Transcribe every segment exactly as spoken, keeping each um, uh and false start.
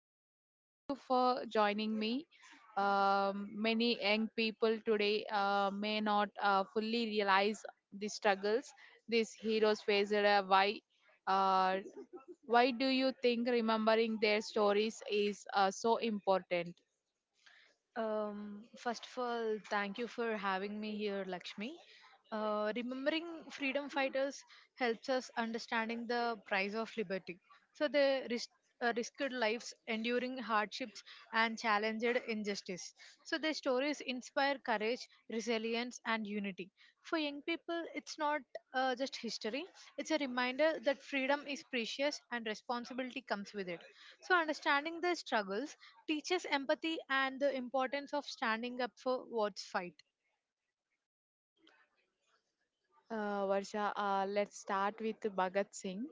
Varsha, thank you for joining me. Um, many young people today uh, may not uh, fully realize the struggles these heroes faced, uh, why. Uh, why do you think remembering their stories is uh, so important? Um, first of all, thank you for having me here, Lakshmi. Uh, remembering freedom fighters helps us understanding the price of liberty. So they risked, uh, risked lives, enduring hardships, and challenged injustice. So their stories inspire courage, resilience, and unity. For young people, it's not uh, just history; it's a reminder that freedom is precious and responsibility comes with it. So understanding their struggles teaches empathy and the importance of standing up for what's fight. Uh, Varsha, uh, let's start with Bhagat Singh,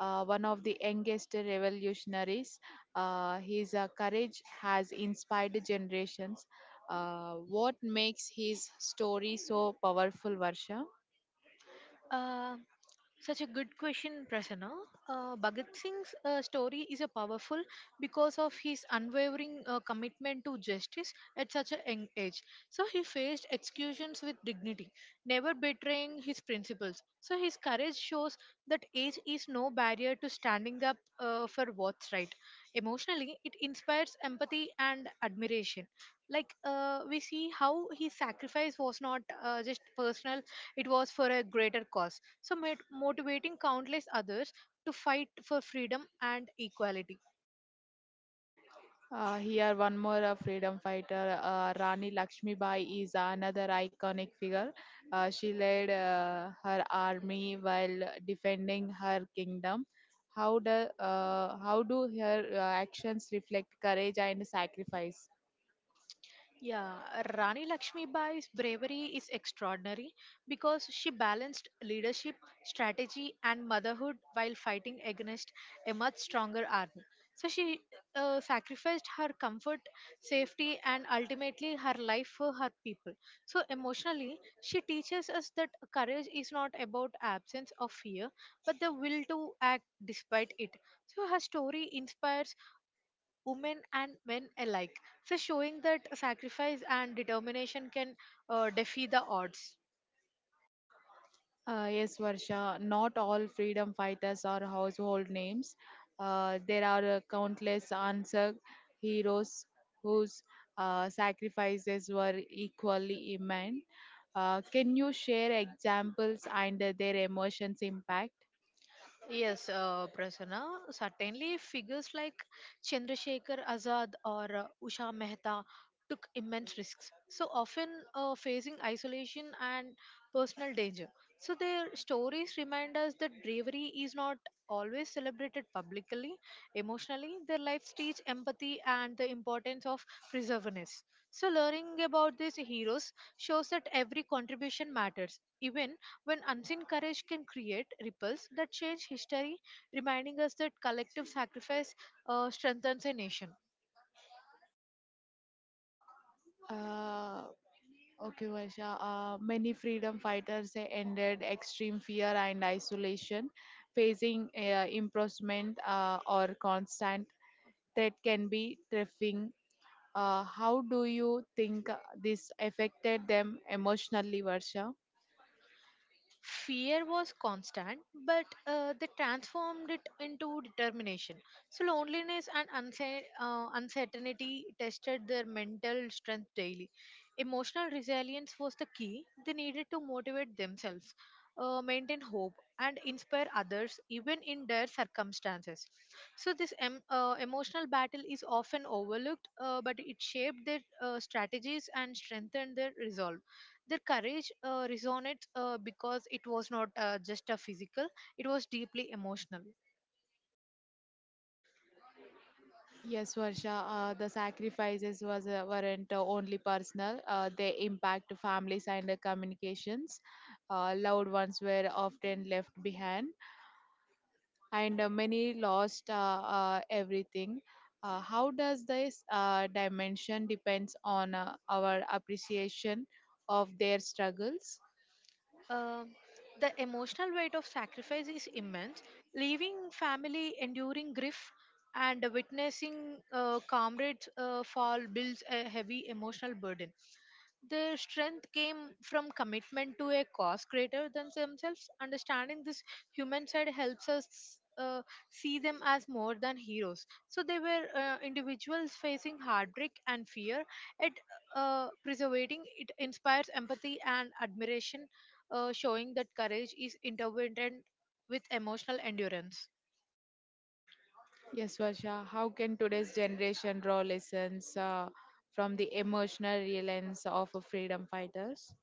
uh, one of the youngest revolutionaries. Uh, his uh, courage has inspired generations. Uh, what makes his story so powerful, Varsha? Uh, Such a good question, Prasanna. Uh, Bhagat Singh's uh, story is a powerful because of his unwavering uh, commitment to justice at such a young age. So he faced executions with dignity, never betraying his principles. So his courage shows that age is no barrier to standing up uh, for what's right. Emotionally, it inspires empathy and admiration. Like uh, we see how his sacrifice was not uh, just personal; it was for a greater cause so mot- motivating countless others to fight for freedom and equality. Uh, here, one more uh, freedom fighter, uh, Rani Lakshmibai, is another iconic figure. Uh, she led uh, her army while defending her kingdom. How do uh, how do her uh, actions reflect courage and sacrifice? Yeah, Rani Lakshmi Bai's bravery is extraordinary because she balanced leadership, strategy, and motherhood while fighting against a much stronger army. So she uh, sacrificed her comfort, safety, and ultimately her life for her people. So emotionally, she teaches us that courage is not about absence of fear, but the will to act despite it. So her story inspires women and men alike. So, showing that sacrifice and determination can uh, defy the odds. Uh, yes, Varsha, not all freedom fighters are household names. Uh, there are uh, countless unsung heroes whose uh, sacrifices were equally immense. Uh, can you share examples and uh, their emotions impact? Yes, uh, Prasanna. Certainly, figures like Chandrasekhar Azad or uh, Usha Mehta took immense risks, so often uh, facing isolation and personal danger. So, their stories remind us that bravery is not always celebrated publicly. Emotionally, their lives teach empathy and the importance of perseverance. So, learning about these heroes shows that every contribution matters, even when unseen courage can create ripples that change history, reminding us that collective sacrifice uh, strengthens a nation. Uh, okay, Varsha. Uh, many freedom fighters uh, ended extreme fear and isolation, facing uh, imprisonment uh, or constant threat can be terrifying. Uh, how do you think uh, this affected them emotionally, Varsha? Fear was constant, but uh, they transformed it into determination. So, loneliness and uncer- uh, uncertainty tested their mental strength daily. Emotional resilience was the key. They needed to motivate themselves, uh, maintain hope, and inspire others even in dire circumstances. So, this em- uh, emotional battle is often overlooked, uh, but it shaped their uh, strategies and strengthened their resolve. Their courage uh, resonates uh, because it was not uh, just a physical, it was deeply emotional. Yes, Varsha, uh, the sacrifices was uh, weren't uh, only personal. Uh, they impact families and uh, communications. Uh, loved ones were often left behind, and uh, many lost uh, uh, everything. Uh, how does this uh, dimension depends on uh, our appreciation of their struggles? Um the emotional weight of sacrifice is immense, leaving family enduring grief and witnessing uh, comrades uh, fall builds a heavy emotional burden. Their strength came from commitment to a cause greater than themselves. Understanding this human side helps us uh, see them as more than heroes. So they were uh, individuals facing heartbreak and fear. It uh, preserving it inspires empathy and admiration, uh, showing that courage is intertwined with emotional endurance. Yes, Varsha. How can today's generation draw lessons uh, from the emotional resilience of freedom fighters?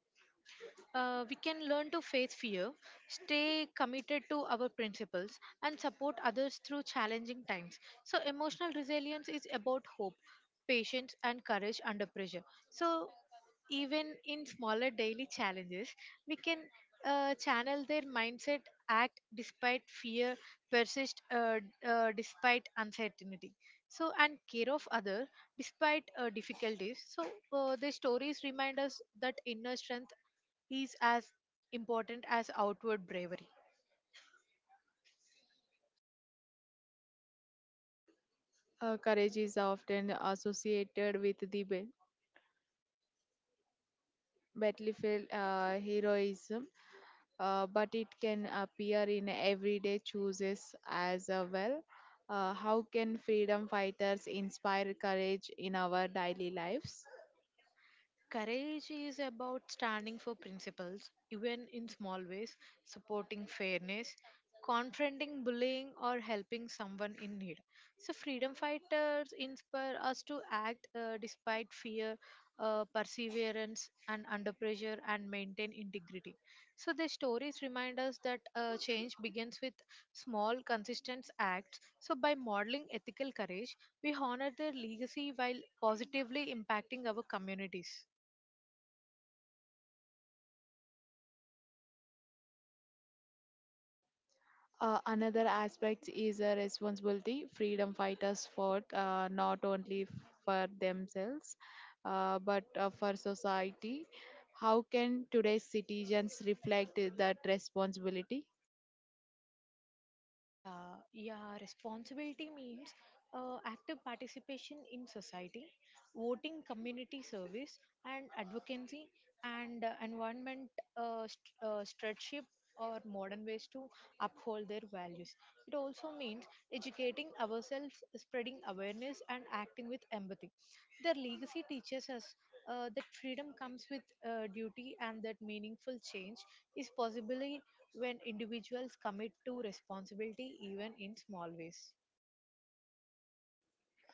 Uh, we can learn to face fear, stay committed to our principles, and support others through challenging times. So, emotional resilience is about hope, patience, and courage under pressure. So, even in smaller daily challenges, we can uh, channel their mindset, act despite fear, persist uh, uh, despite uncertainty. So, and care of other despite uh, difficulties. So, uh, the stories remind us that inner strength is as important as outward bravery. Uh, courage is often associated with the ba- battlefield uh, heroism, uh, but it can appear in everyday choices as uh, well. Uh, how can freedom fighters inspire courage in our daily lives? Courage is about standing for principles, even in small ways, supporting fairness, confronting bullying, or helping someone in need. So, freedom fighters inspire us to act uh, despite fear, uh, perseverance, and under pressure, and maintain integrity. So, their stories remind us that uh, change begins with small, consistent acts. So, by modeling ethical courage, we honor their legacy while positively impacting our communities. Uh, another aspect is a responsibility. Freedom fighters fought uh, not only for themselves uh, but uh, for society. How can today's citizens reflect that responsibility? Yeah, yeah. Responsibility means uh, active participation in society, voting, community service, and advocacy, and uh, environment uh, st- uh, stewardship or modern ways to uphold their values. It also means educating ourselves, spreading awareness, and acting with empathy. Their legacy teaches us uh, that freedom comes with uh, duty and that meaningful change is possibly when individuals commit to responsibility even in small ways.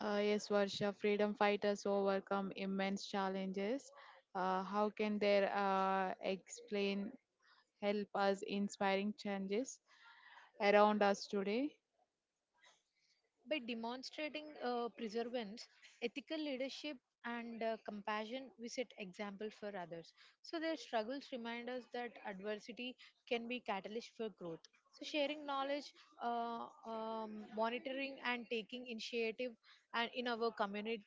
Uh, yes, Varsha, freedom fighters overcome immense challenges. Uh, how can they uh, explain, help us inspiring changes around us today? By demonstrating uh, perseverance, ethical leadership, and uh, compassion, we set example for others. So their struggles remind us that adversity can be catalyst for growth. So sharing knowledge, uh, um, monitoring, and taking initiative, and in our communities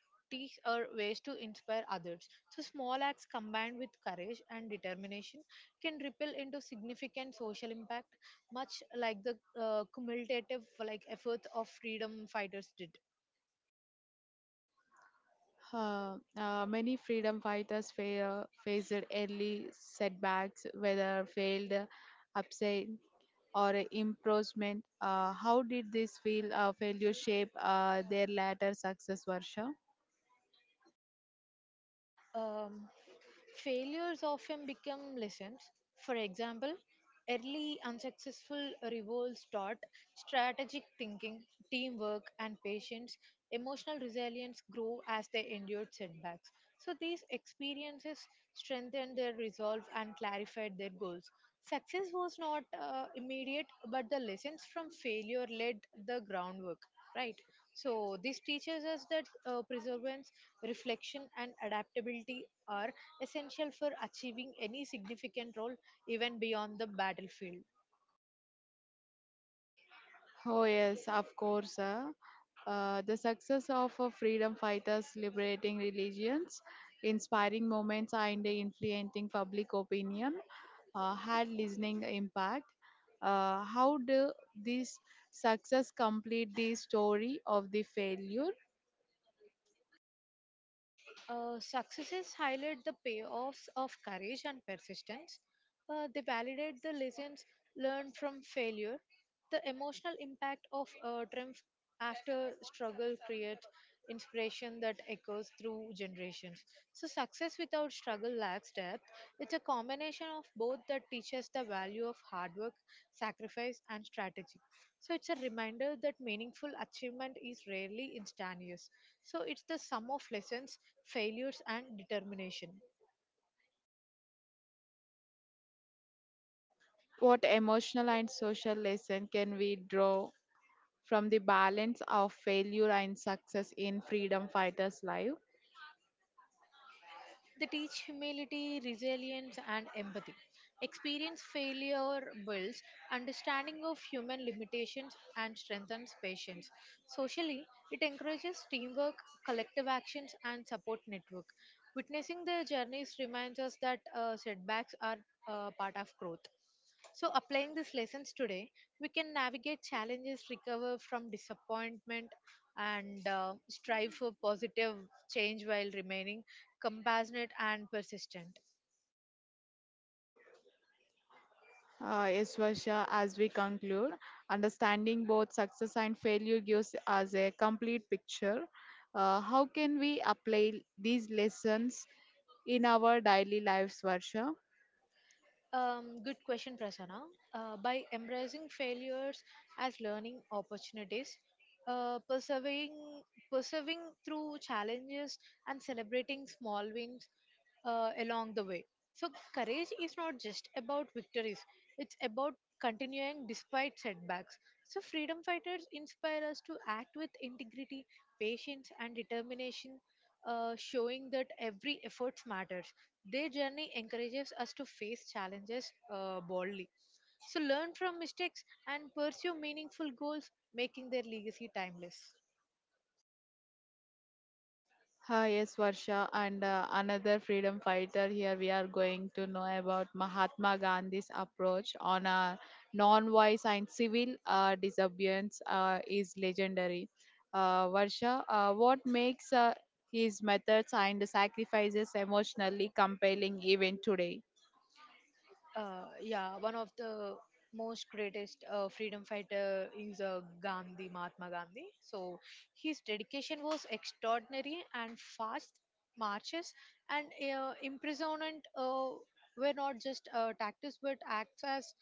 are ways to inspire others. So, small acts combined with courage and determination can ripple into significant social impact much like the uh, cumulative like efforts of freedom fighters did. Uh, uh, many freedom fighters fa- faced early setbacks, whether failed, upset, or imprisonment. Uh, how did this feel uh, failure shape uh, their later success, Varsha? Um, Failures often become lessons. For example, early unsuccessful revolts taught strategic thinking, teamwork, and patience, emotional resilience grow as they endured setbacks. So, these experiences strengthened their resolve and clarified their goals. Success was not uh, immediate, but the lessons from failure laid the groundwork. Right, so this teaches us that uh, perseverance, reflection, and adaptability are essential for achieving any significant role, even beyond the battlefield. Oh, yes, of course. Uh, uh, the success of uh, freedom fighters liberating religions, inspiring moments, and influencing public opinion uh, had listening impact. Uh, how do this success complete the story of the failure? Uh, successes highlight the payoffs of courage and persistence. Uh, they validate the lessons learn from failure. The emotional impact of a triumph after struggle creates inspiration that echoes through generations. So, success without struggle lacks depth. It's a combination of both that teaches the value of hard work, sacrifice, and strategy. So, it's a reminder that meaningful achievement is rarely instantaneous. So, it's the sum of lessons, failures, and determination. What emotional and social lesson can we draw from the balance of failure and success in freedom fighters' life? They teach humility, resilience, and empathy. Experience failure builds understanding of human limitations and strengthens patience. Socially, it encourages teamwork, collective actions, and support network. Witnessing their journeys reminds us that uh, setbacks are uh, part of growth. So, applying these lessons today, we can navigate challenges, recover from disappointment, and uh, strive for positive change while remaining compassionate and persistent. Uh, yes, Varsha, as we conclude, understanding both success and failure gives us a complete picture. Uh, how can we apply these lessons in our daily lives, Varsha? Um, good question, Prasanna. Uh, by embracing failures as learning opportunities, uh, persevering persevering through challenges and celebrating small wins uh, along the way. So courage is not just about victories, it's about continuing despite setbacks. So freedom fighters inspire us to act with integrity, patience, and determination, uh, showing that every effort matters. Their journey encourages us to face challenges uh, boldly. So, learn from mistakes and pursue meaningful goals, making their legacy timeless. Hi, yes, Varsha, and uh, another freedom fighter. Here we are going to know about Mahatma Gandhi's approach on a non-violence and civil uh, disobedience uh, is legendary. Uh, Varsha, uh, what makes uh, his methods and sacrifices emotionally compelling even today? Uh, yeah, one of the most greatest uh, freedom fighter is uh, Gandhi, Mahatma Gandhi. So his dedication was extraordinary, and fast marches and uh, imprisonment uh, were not just uh, tactics but acts as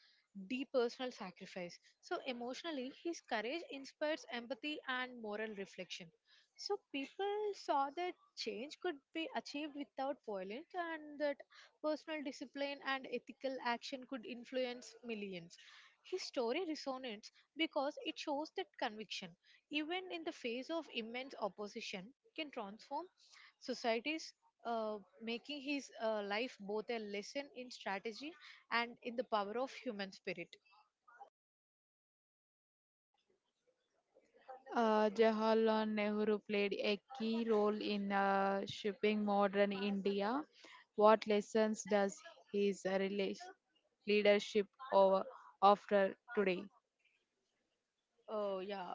deep personal sacrifice. So emotionally, his courage inspires empathy and moral reflection. So people saw that change could be achieved without violence, and that personal discipline and ethical action could influence millions. His story resonates because it shows that conviction, even in the face of immense opposition, can transform societies, uh, making his uh, life both a lesson in strategy and in the power of human spirit. Uh, Jawaharlal Nehru played a key role in uh, shaping modern India. What lessons does his uh, rela- leadership over after today? Uh, yeah,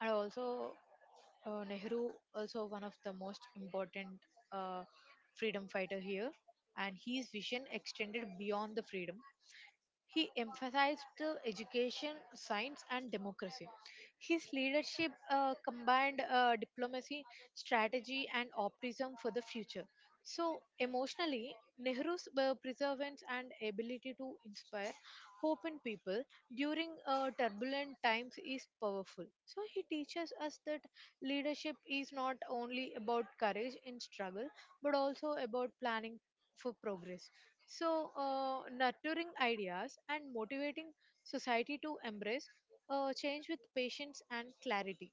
and also uh, Nehru also one of the most important uh, freedom fighter here, and his vision extended beyond the freedom. He emphasized uh, education, science, and democracy. His leadership uh, combined uh, diplomacy, strategy, and optimism for the future. So, emotionally, Nehru's uh, perseverance and ability to inspire hope in people during uh, turbulent times is powerful. So, he teaches us that leadership is not only about courage in struggle, but also about planning for progress. So, uh, nurturing ideas and motivating society to embrace uh, change with patience and clarity.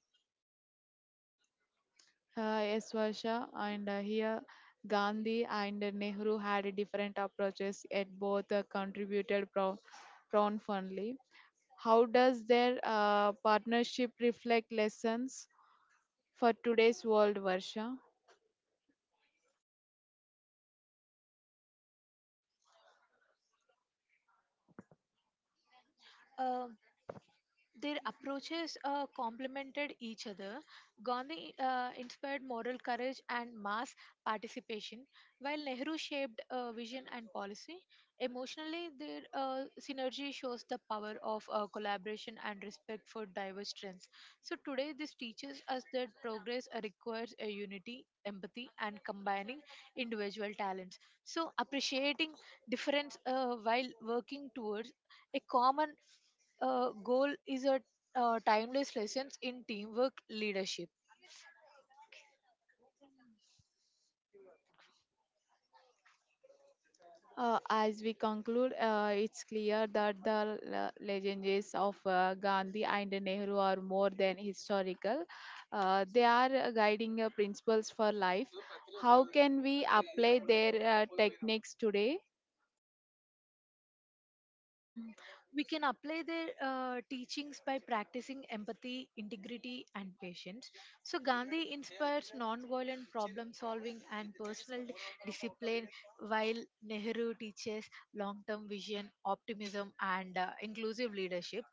Uh, yes, Varsha, and uh, here Gandhi and Nehru had different approaches, yet both uh, contributed pro- profoundly. How does their uh, partnership reflect lessons for today's world, Varsha? Uh, their approaches uh, complemented each other. Gandhi uh, inspired moral courage and mass participation, while Nehru shaped uh, vision and policy. Emotionally, their uh, synergy shows the power of uh, collaboration and respect for diverse strengths. So, today, this teaches us that progress uh, requires a unity, empathy, and combining individual talents. So, appreciating difference uh, while working towards a common uh, goal is a uh, timeless lessons in teamwork leadership. Uh, as we conclude, uh, it's clear that the le- legendaries of uh, Gandhi and Nehru are more than historical. Uh, they are uh, guiding uh, principles for life. How can we apply their uh, techniques today? Mm, we can apply their uh, teachings by practicing empathy, integrity, and patience. So, Gandhi inspires nonviolent problem solving and personal discipline, while Nehru teaches long term vision, optimism, and uh, inclusive leadership.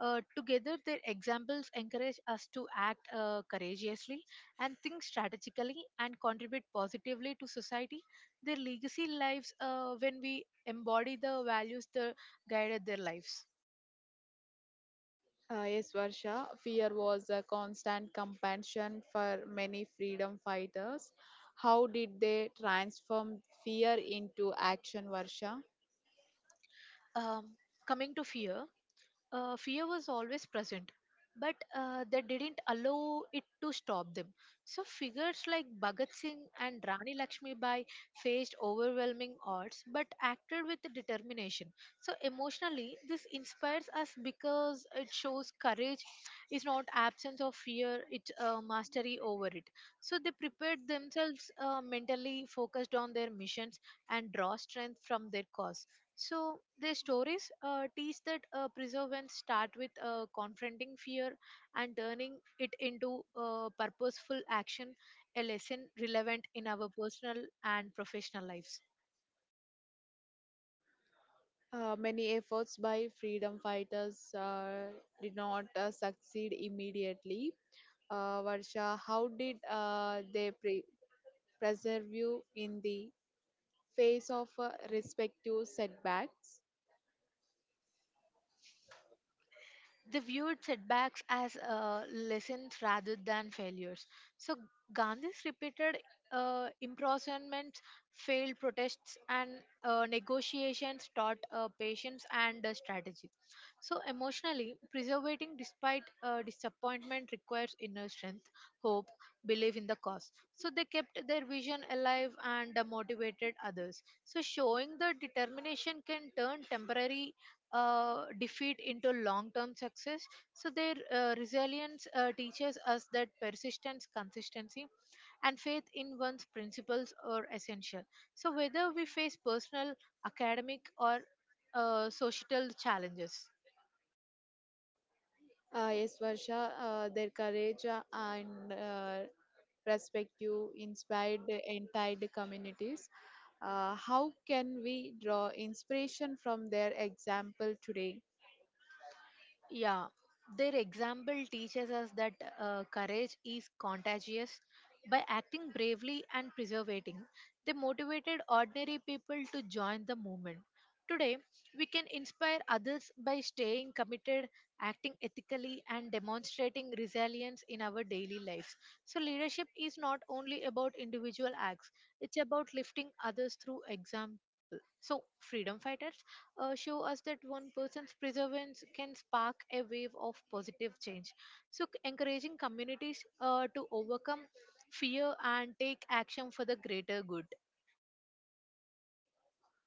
Uh, together, their examples encourage us to act uh, courageously and think strategically and contribute positively to society. Their legacy lives uh, when we embody the values the guided their lives. Uh, yes, Varsha. Fear was a constant companion for many freedom fighters. How did they transform fear into action, Varsha? Um, Coming to fear, uh, fear was always present, but uh, they didn't allow it to stop them. So figures like Bhagat Singh and Rani Lakshmi Bai faced overwhelming odds but acted with determination. So emotionally, this inspires us because it shows courage is not absence of fear, it's uh, mastery over it. So they prepared themselves uh, mentally, focused on their missions, and draw strength from their cause. So their stories uh, teach that uh, perseverance start with uh, confronting fear and turning it into uh, purposeful action, a lesson relevant in our personal and professional lives. Uh, many efforts by freedom fighters uh, did not uh, succeed immediately. Uh, Varsha, how did uh, they pre- preserve you in the face of uh, respective setbacks? They viewed setbacks as uh, lessons rather than failures. So Gandhi's repeated uh, imprisonments, failed protests, and uh, negotiations taught uh, patience and uh, strategy. So emotionally, preservating despite uh, disappointment requires inner strength, hope, belief in the cause. So they kept their vision alive and uh, motivated others. So showing the determination can turn temporary uh, defeat into long term success. So their uh, resilience uh, teaches us that persistence, consistency, and faith in one's principles are essential. So whether we face personal, academic, or uh, societal challenges. Uh, yes, Varsha, uh, their courage uh, and uh, perspective inspired the entire communities. Uh, how can we draw inspiration from their example today? Yeah, their example teaches us that uh, courage is contagious. By acting bravely and preservating, they motivated ordinary people to join the movement. Today, we can inspire others by staying committed, acting ethically, and demonstrating resilience in our daily lives. So leadership is not only about individual acts, it's about lifting others through example. So freedom fighters uh, show us that one person's perseverance can spark a wave of positive change. So, c- encouraging communities uh, to overcome fear and take action for the greater good.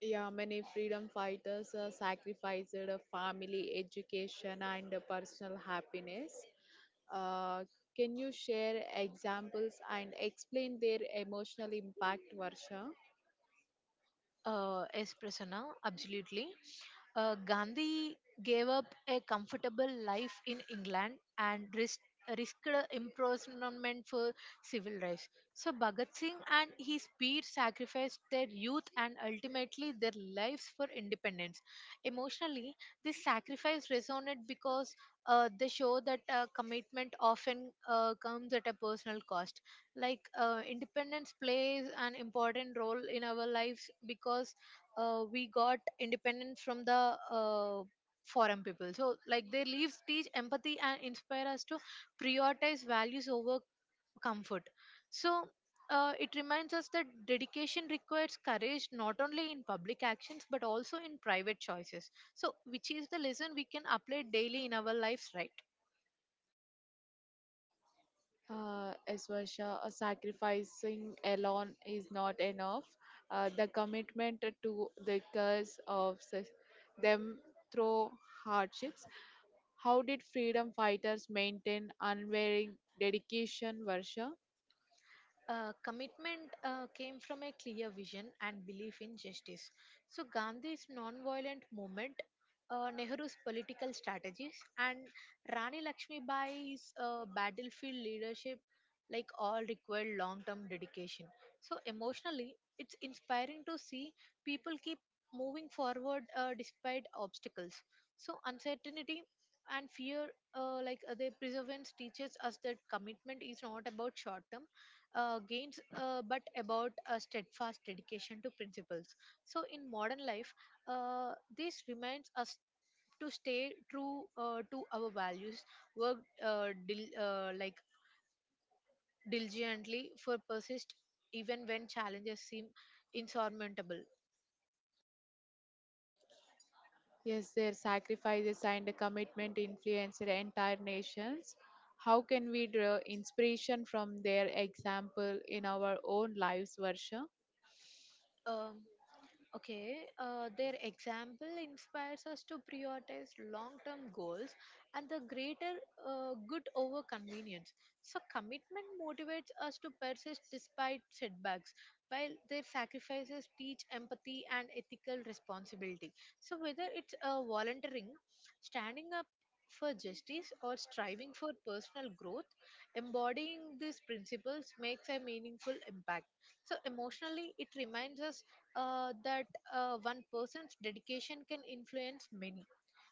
Yeah, many freedom fighters uh, sacrificed uh, family, education, and uh, personal happiness. Uh, can you share examples and explain their emotional impact, Varsha? Uh, yes, Prasanna, absolutely. Uh, Gandhi gave up a comfortable life in England and risked, risked imprisonment for civil rights. So Bhagat Singh and his peers sacrificed their youth and ultimately their lives for independence. Emotionally, this sacrifice resonated because uh, they show that uh, commitment often uh, comes at a personal cost, like uh, independence plays an important role in our lives because uh, we got independence from the uh, foreign people. So like their leaves teach empathy and inspire us to prioritize values over comfort, so uh, it reminds us that dedication requires courage not only in public actions but also in private choices, so which is the lesson we can apply daily in our lives, right? Uh, as Varsha, uh, sacrificing alone is not enough. Uh, the commitment to the cause of such, them through hardships. How did freedom fighters maintain unwavering dedication, Varsha? Uh, commitment uh, came from a clear vision and belief in justice. So Gandhi's non-violent movement, uh, Nehru's political strategies, and Rani Lakshmibai's uh, battlefield leadership, like all required long-term dedication. So emotionally, it's inspiring to see people keep moving forward uh, despite obstacles. So uncertainty and fear, uh, like uh, their perseverance teaches us that commitment is not about short-term uh, gains, uh, but about a steadfast dedication to principles. So in modern life, uh, this reminds us to stay true uh, to our values, work uh, dil- uh, like diligently for persist even when challenges seem insurmountable. Yes, their sacrifices and commitment influenced entire nations. How can we draw inspiration from their example in our own lives, Varsha? Um Okay, uh, their example inspires us to prioritize long term goals and the greater uh, good over convenience. So commitment motivates us to persist despite setbacks, while their sacrifices teach empathy and ethical responsibility. So whether it's uh, volunteering, standing up for justice, or striving for personal growth, embodying these principles makes a meaningful impact. So emotionally, it reminds us uh, that uh, one person's dedication can influence many.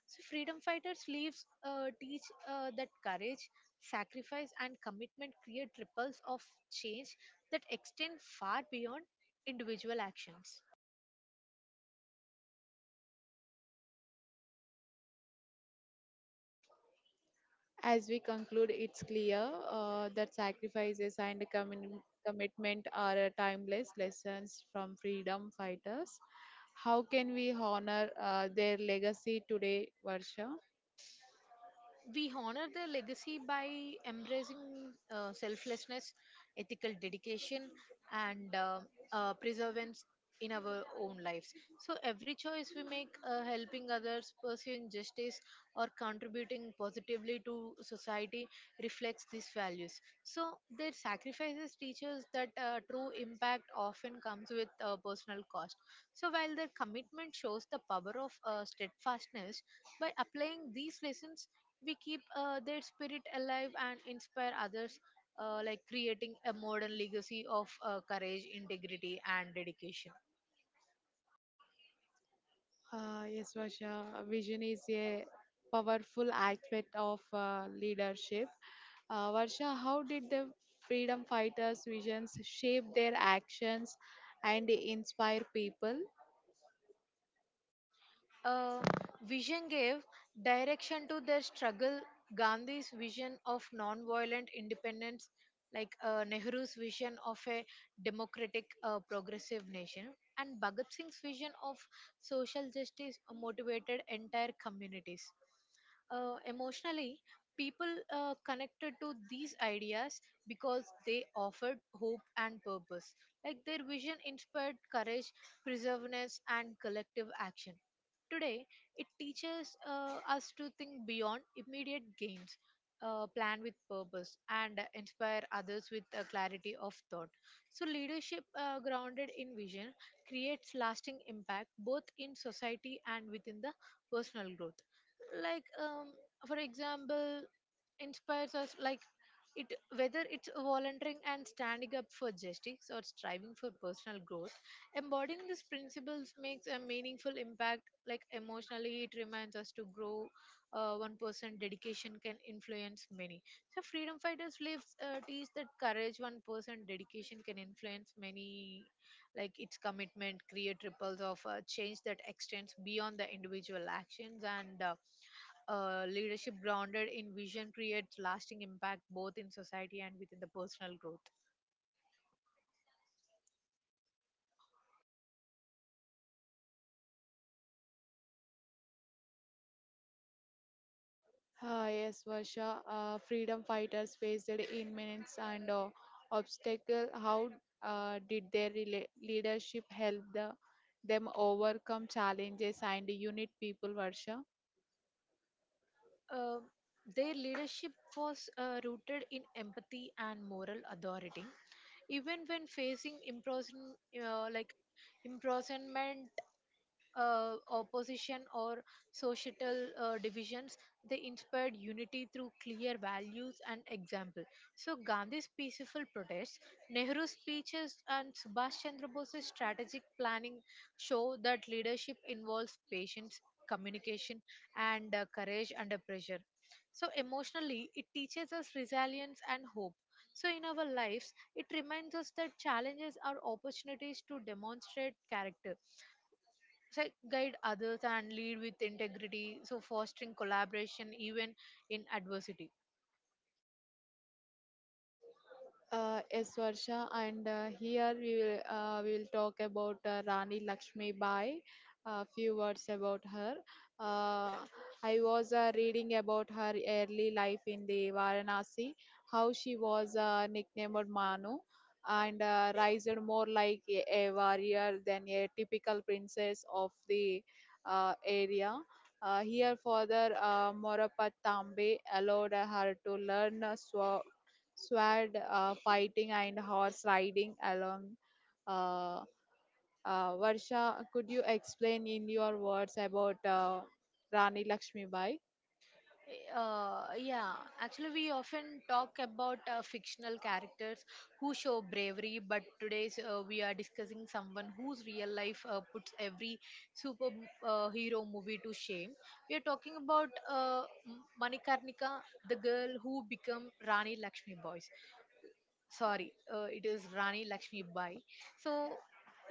So freedom fighters' lives uh, teach uh, that courage, sacrifice, and commitment create ripples of change that extend far beyond individual actions. As we conclude, it's clear uh, that sacrifices and commi- commitment are uh, timeless lessons from freedom fighters. How can we honor uh, their legacy today, Varsha? We honor their legacy by embracing uh, selflessness, ethical dedication, and uh, uh, preservance in our own lives. So every choice we make, uh, helping others, pursuing justice, or contributing positively to society, reflects these values. So their sacrifices teach us that uh, true impact often comes with uh, personal cost. So while their commitment shows the power of uh, steadfastness, by applying these lessons, we keep uh, their spirit alive and inspire others, uh, like creating a modern legacy of uh, courage, integrity, and dedication. Uh, yes, Vasha. Vision is a powerful aspect of uh, leadership. Uh, Varsha, how did the freedom fighters' visions shape their actions and inspire people? Uh, Vision gave direction to their struggle. Gandhi's vision of non-violent independence, like uh, Nehru's vision of a democratic, uh, progressive nation, and Bhagat Singh's vision of social justice motivated entire communities. Uh, emotionally, people uh, connected to these ideas because they offered hope and purpose. Like their vision inspired courage, perseverance, and collective action. Today, it teaches uh, us to think beyond immediate gains, uh, plan with purpose, and inspire others with a clarity of thought. So leadership uh, grounded in vision creates lasting impact both in society and within the personal growth. Like, um, for example, inspires us like it, whether it's volunteering and standing up for justice or striving for personal growth, embodying these principles makes a meaningful impact. Like emotionally it reminds us to grow, uh, one person dedication can influence many. So freedom fighters lives uh, teach that courage, one person dedication can influence many, like its commitment create ripples of uh, change that extends beyond the individual actions, and uh, uh, leadership grounded in vision creates lasting impact both in society and within the personal growth. Uh, yes, Varsha. Uh, freedom fighters faced immense and uh, obstacle. How uh, did their rela- leadership help the, them overcome challenges and unite people, Varsha? Um their leadership was uh, rooted in empathy and moral authority. Even when facing imprisonment, uh, like imprisonment uh, opposition or societal uh, divisions. They inspired unity through clear values and example. So Gandhi's peaceful protests, Nehru's speeches, and Subhash Chandra Bose's strategic planning show that leadership involves patience, communication, and uh, courage under pressure. So emotionally, it teaches us resilience and hope. So in our lives, it reminds us that challenges are opportunities to demonstrate character, so guide others and lead with integrity, so fostering collaboration even in adversity. Uh, yes, Varsha, and uh, here we will uh, we will talk about uh, Rani Lakshmi Bai. A few words about her. Uh, I was uh, reading about her early life in the Varanasi, how she was uh, nicknamed Manu, and uh, raised more like a, a warrior than a typical princess of the uh, area. Uh, here, Father uh, Morapat Tambe allowed her to learn uh, swa- sword uh, fighting and horse riding along. Uh, uh, Varsha, could you explain in your words about uh, Rani Lakshmibai? Uh, yeah, actually we often talk about uh, fictional characters who show bravery, but today's uh, we are discussing someone whose real life uh, puts every super uh, hero movie to shame. We are talking about uh, M- manikarnika, the girl who became Rani Lakshmi Boy. Sorry, uh, it is Rani Lakshmi Bai. So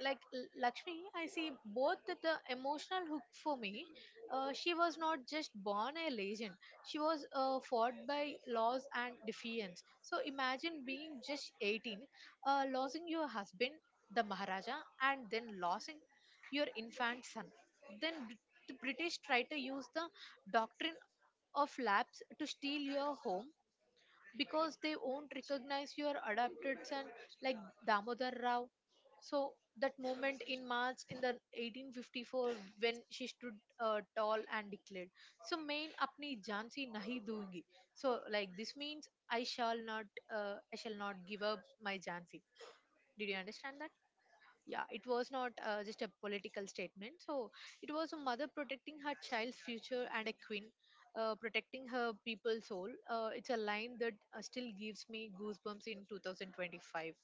like L- Lakshmi, I see both the, the emotional hook for me. Uh, she was not just born a legend; she was uh, fought by laws and defiance. So imagine being just eighteen, uh, losing your husband, the Maharaja, and then losing your infant son. Then Br- the British try to use the doctrine of lapse to steal your home because they won't recognize your adopted son, like Damodar Rao. So that moment in March in the eighteen fifty-four, when she stood uh, tall and declared, "So main apni jaan si nahi doongi." So like this means I shall not, uh, I shall not give up my jaan si. Did you understand that? Yeah, it was not uh, just a political statement, so it was a mother protecting her child's future and a queen uh, protecting her people's soul. Uh, it's a line that uh, still gives me goosebumps in twenty twenty-five.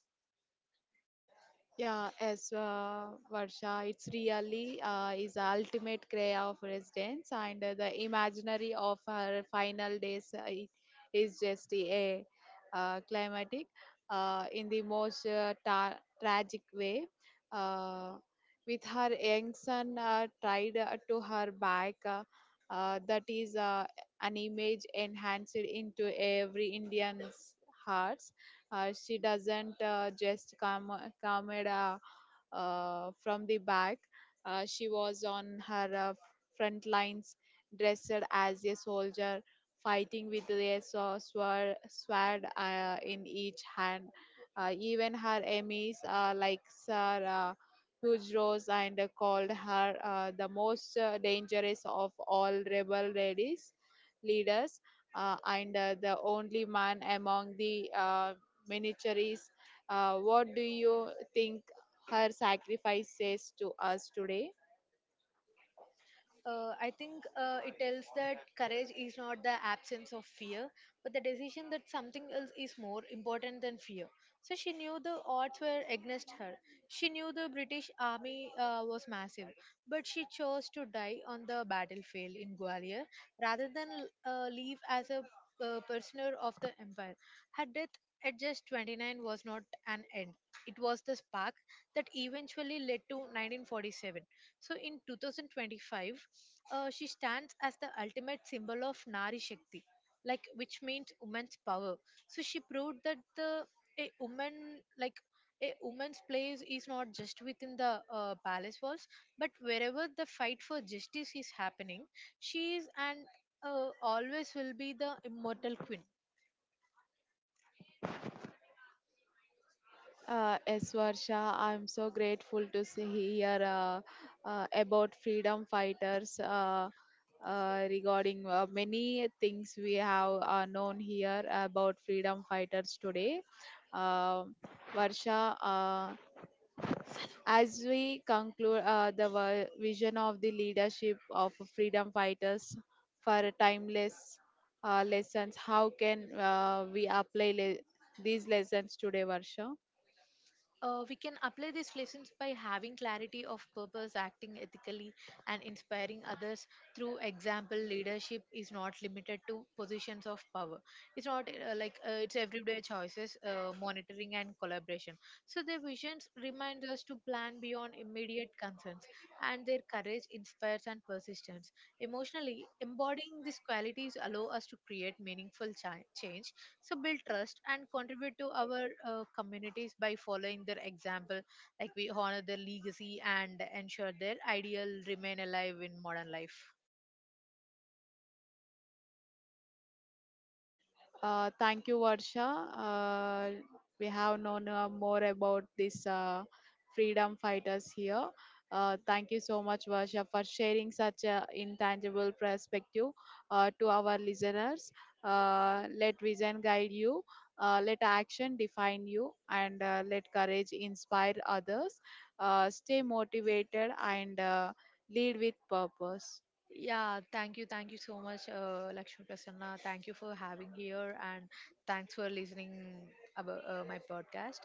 Yeah, as uh, Varsha, it's really uh, is ultimate cry of residence, and uh, the imaginary of her final days uh, i- is just a uh, climatic uh, in the most uh, ta- tragic way. Uh, with her young son uh, tied uh, to her back, uh, uh, that is uh, an image enhanced into every Indian's heart. Uh, she doesn't uh, just come come at, uh, uh, from the back. Uh, she was on her uh, front lines, dressed as a soldier, fighting with a sw- sword, sword uh, in each hand. Uh, even her enemies, uh, like Sir uh, Huge Rose, and uh, called her uh, the most uh, dangerous of all rebel ladies leaders, uh, and uh, the only man among the uh, miniatures. Uh, what do you think her sacrifice says to us today? Uh, I think uh, it tells that courage is not the absence of fear, but the decision that something else is more important than fear. So she knew the odds were against her. She knew the British army uh, was massive, but she chose to die on the battlefield in Gwalior rather than uh, leave as a uh, prisoner of the empire. Her death at just twenty-nine was not an end. It was the spark that eventually led to nineteen forty-seven. So in twenty twenty-five, uh, she stands as the ultimate symbol of Nari Shakti, like which means woman's power. So she proved that the a woman, like a woman's place is not just within the uh, palace walls, but wherever the fight for justice is happening, she is and uh, always will be the immortal queen. Uh, yes, Varsha, I'm so grateful to see hear uh, uh, about freedom fighters uh, uh, regarding uh, many things we have uh, known here about freedom fighters today. Um Varsha, uh, as we conclude uh, the vi- vision of the leadership of freedom fighters for timeless uh, lessons, how can uh, we apply le- these lessons today, Varsha? Uh, we can apply these lessons by having clarity of purpose, acting ethically, and inspiring others through example. Leadership is not limited to positions of power. It's not uh, like uh, it's everyday choices, uh, monitoring, and collaboration. So their visions remind us to plan beyond immediate concerns, and their courage inspires and persistence. Emotionally, embodying these qualities allow us to create meaningful cha- change, so build trust and contribute to our uh, communities by following their example. Like we honor their legacy and ensure their ideal remain alive in modern life. Uh, thank you, Varsha. Uh, we have known uh, more about these uh, freedom fighters here. Uh, thank you so much, Varsha, for sharing such an intangible perspective uh, to our listeners. Uh, let vision guide you, uh, let action define you, and uh, let courage inspire others. Uh, stay motivated and uh, lead with purpose. Yeah, thank you, thank you so much, uh, Lakshmi Prasanna, thank you for having here, and thanks for listening about uh, my podcast.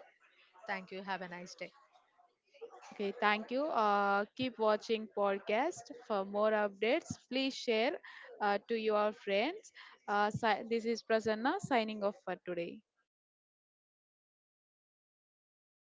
Thank you, have a nice day. Okay, thank you. Uh, keep watching podcast for more updates. Please share uh, to your friends. Uh, si- this is Prasanna signing off for today.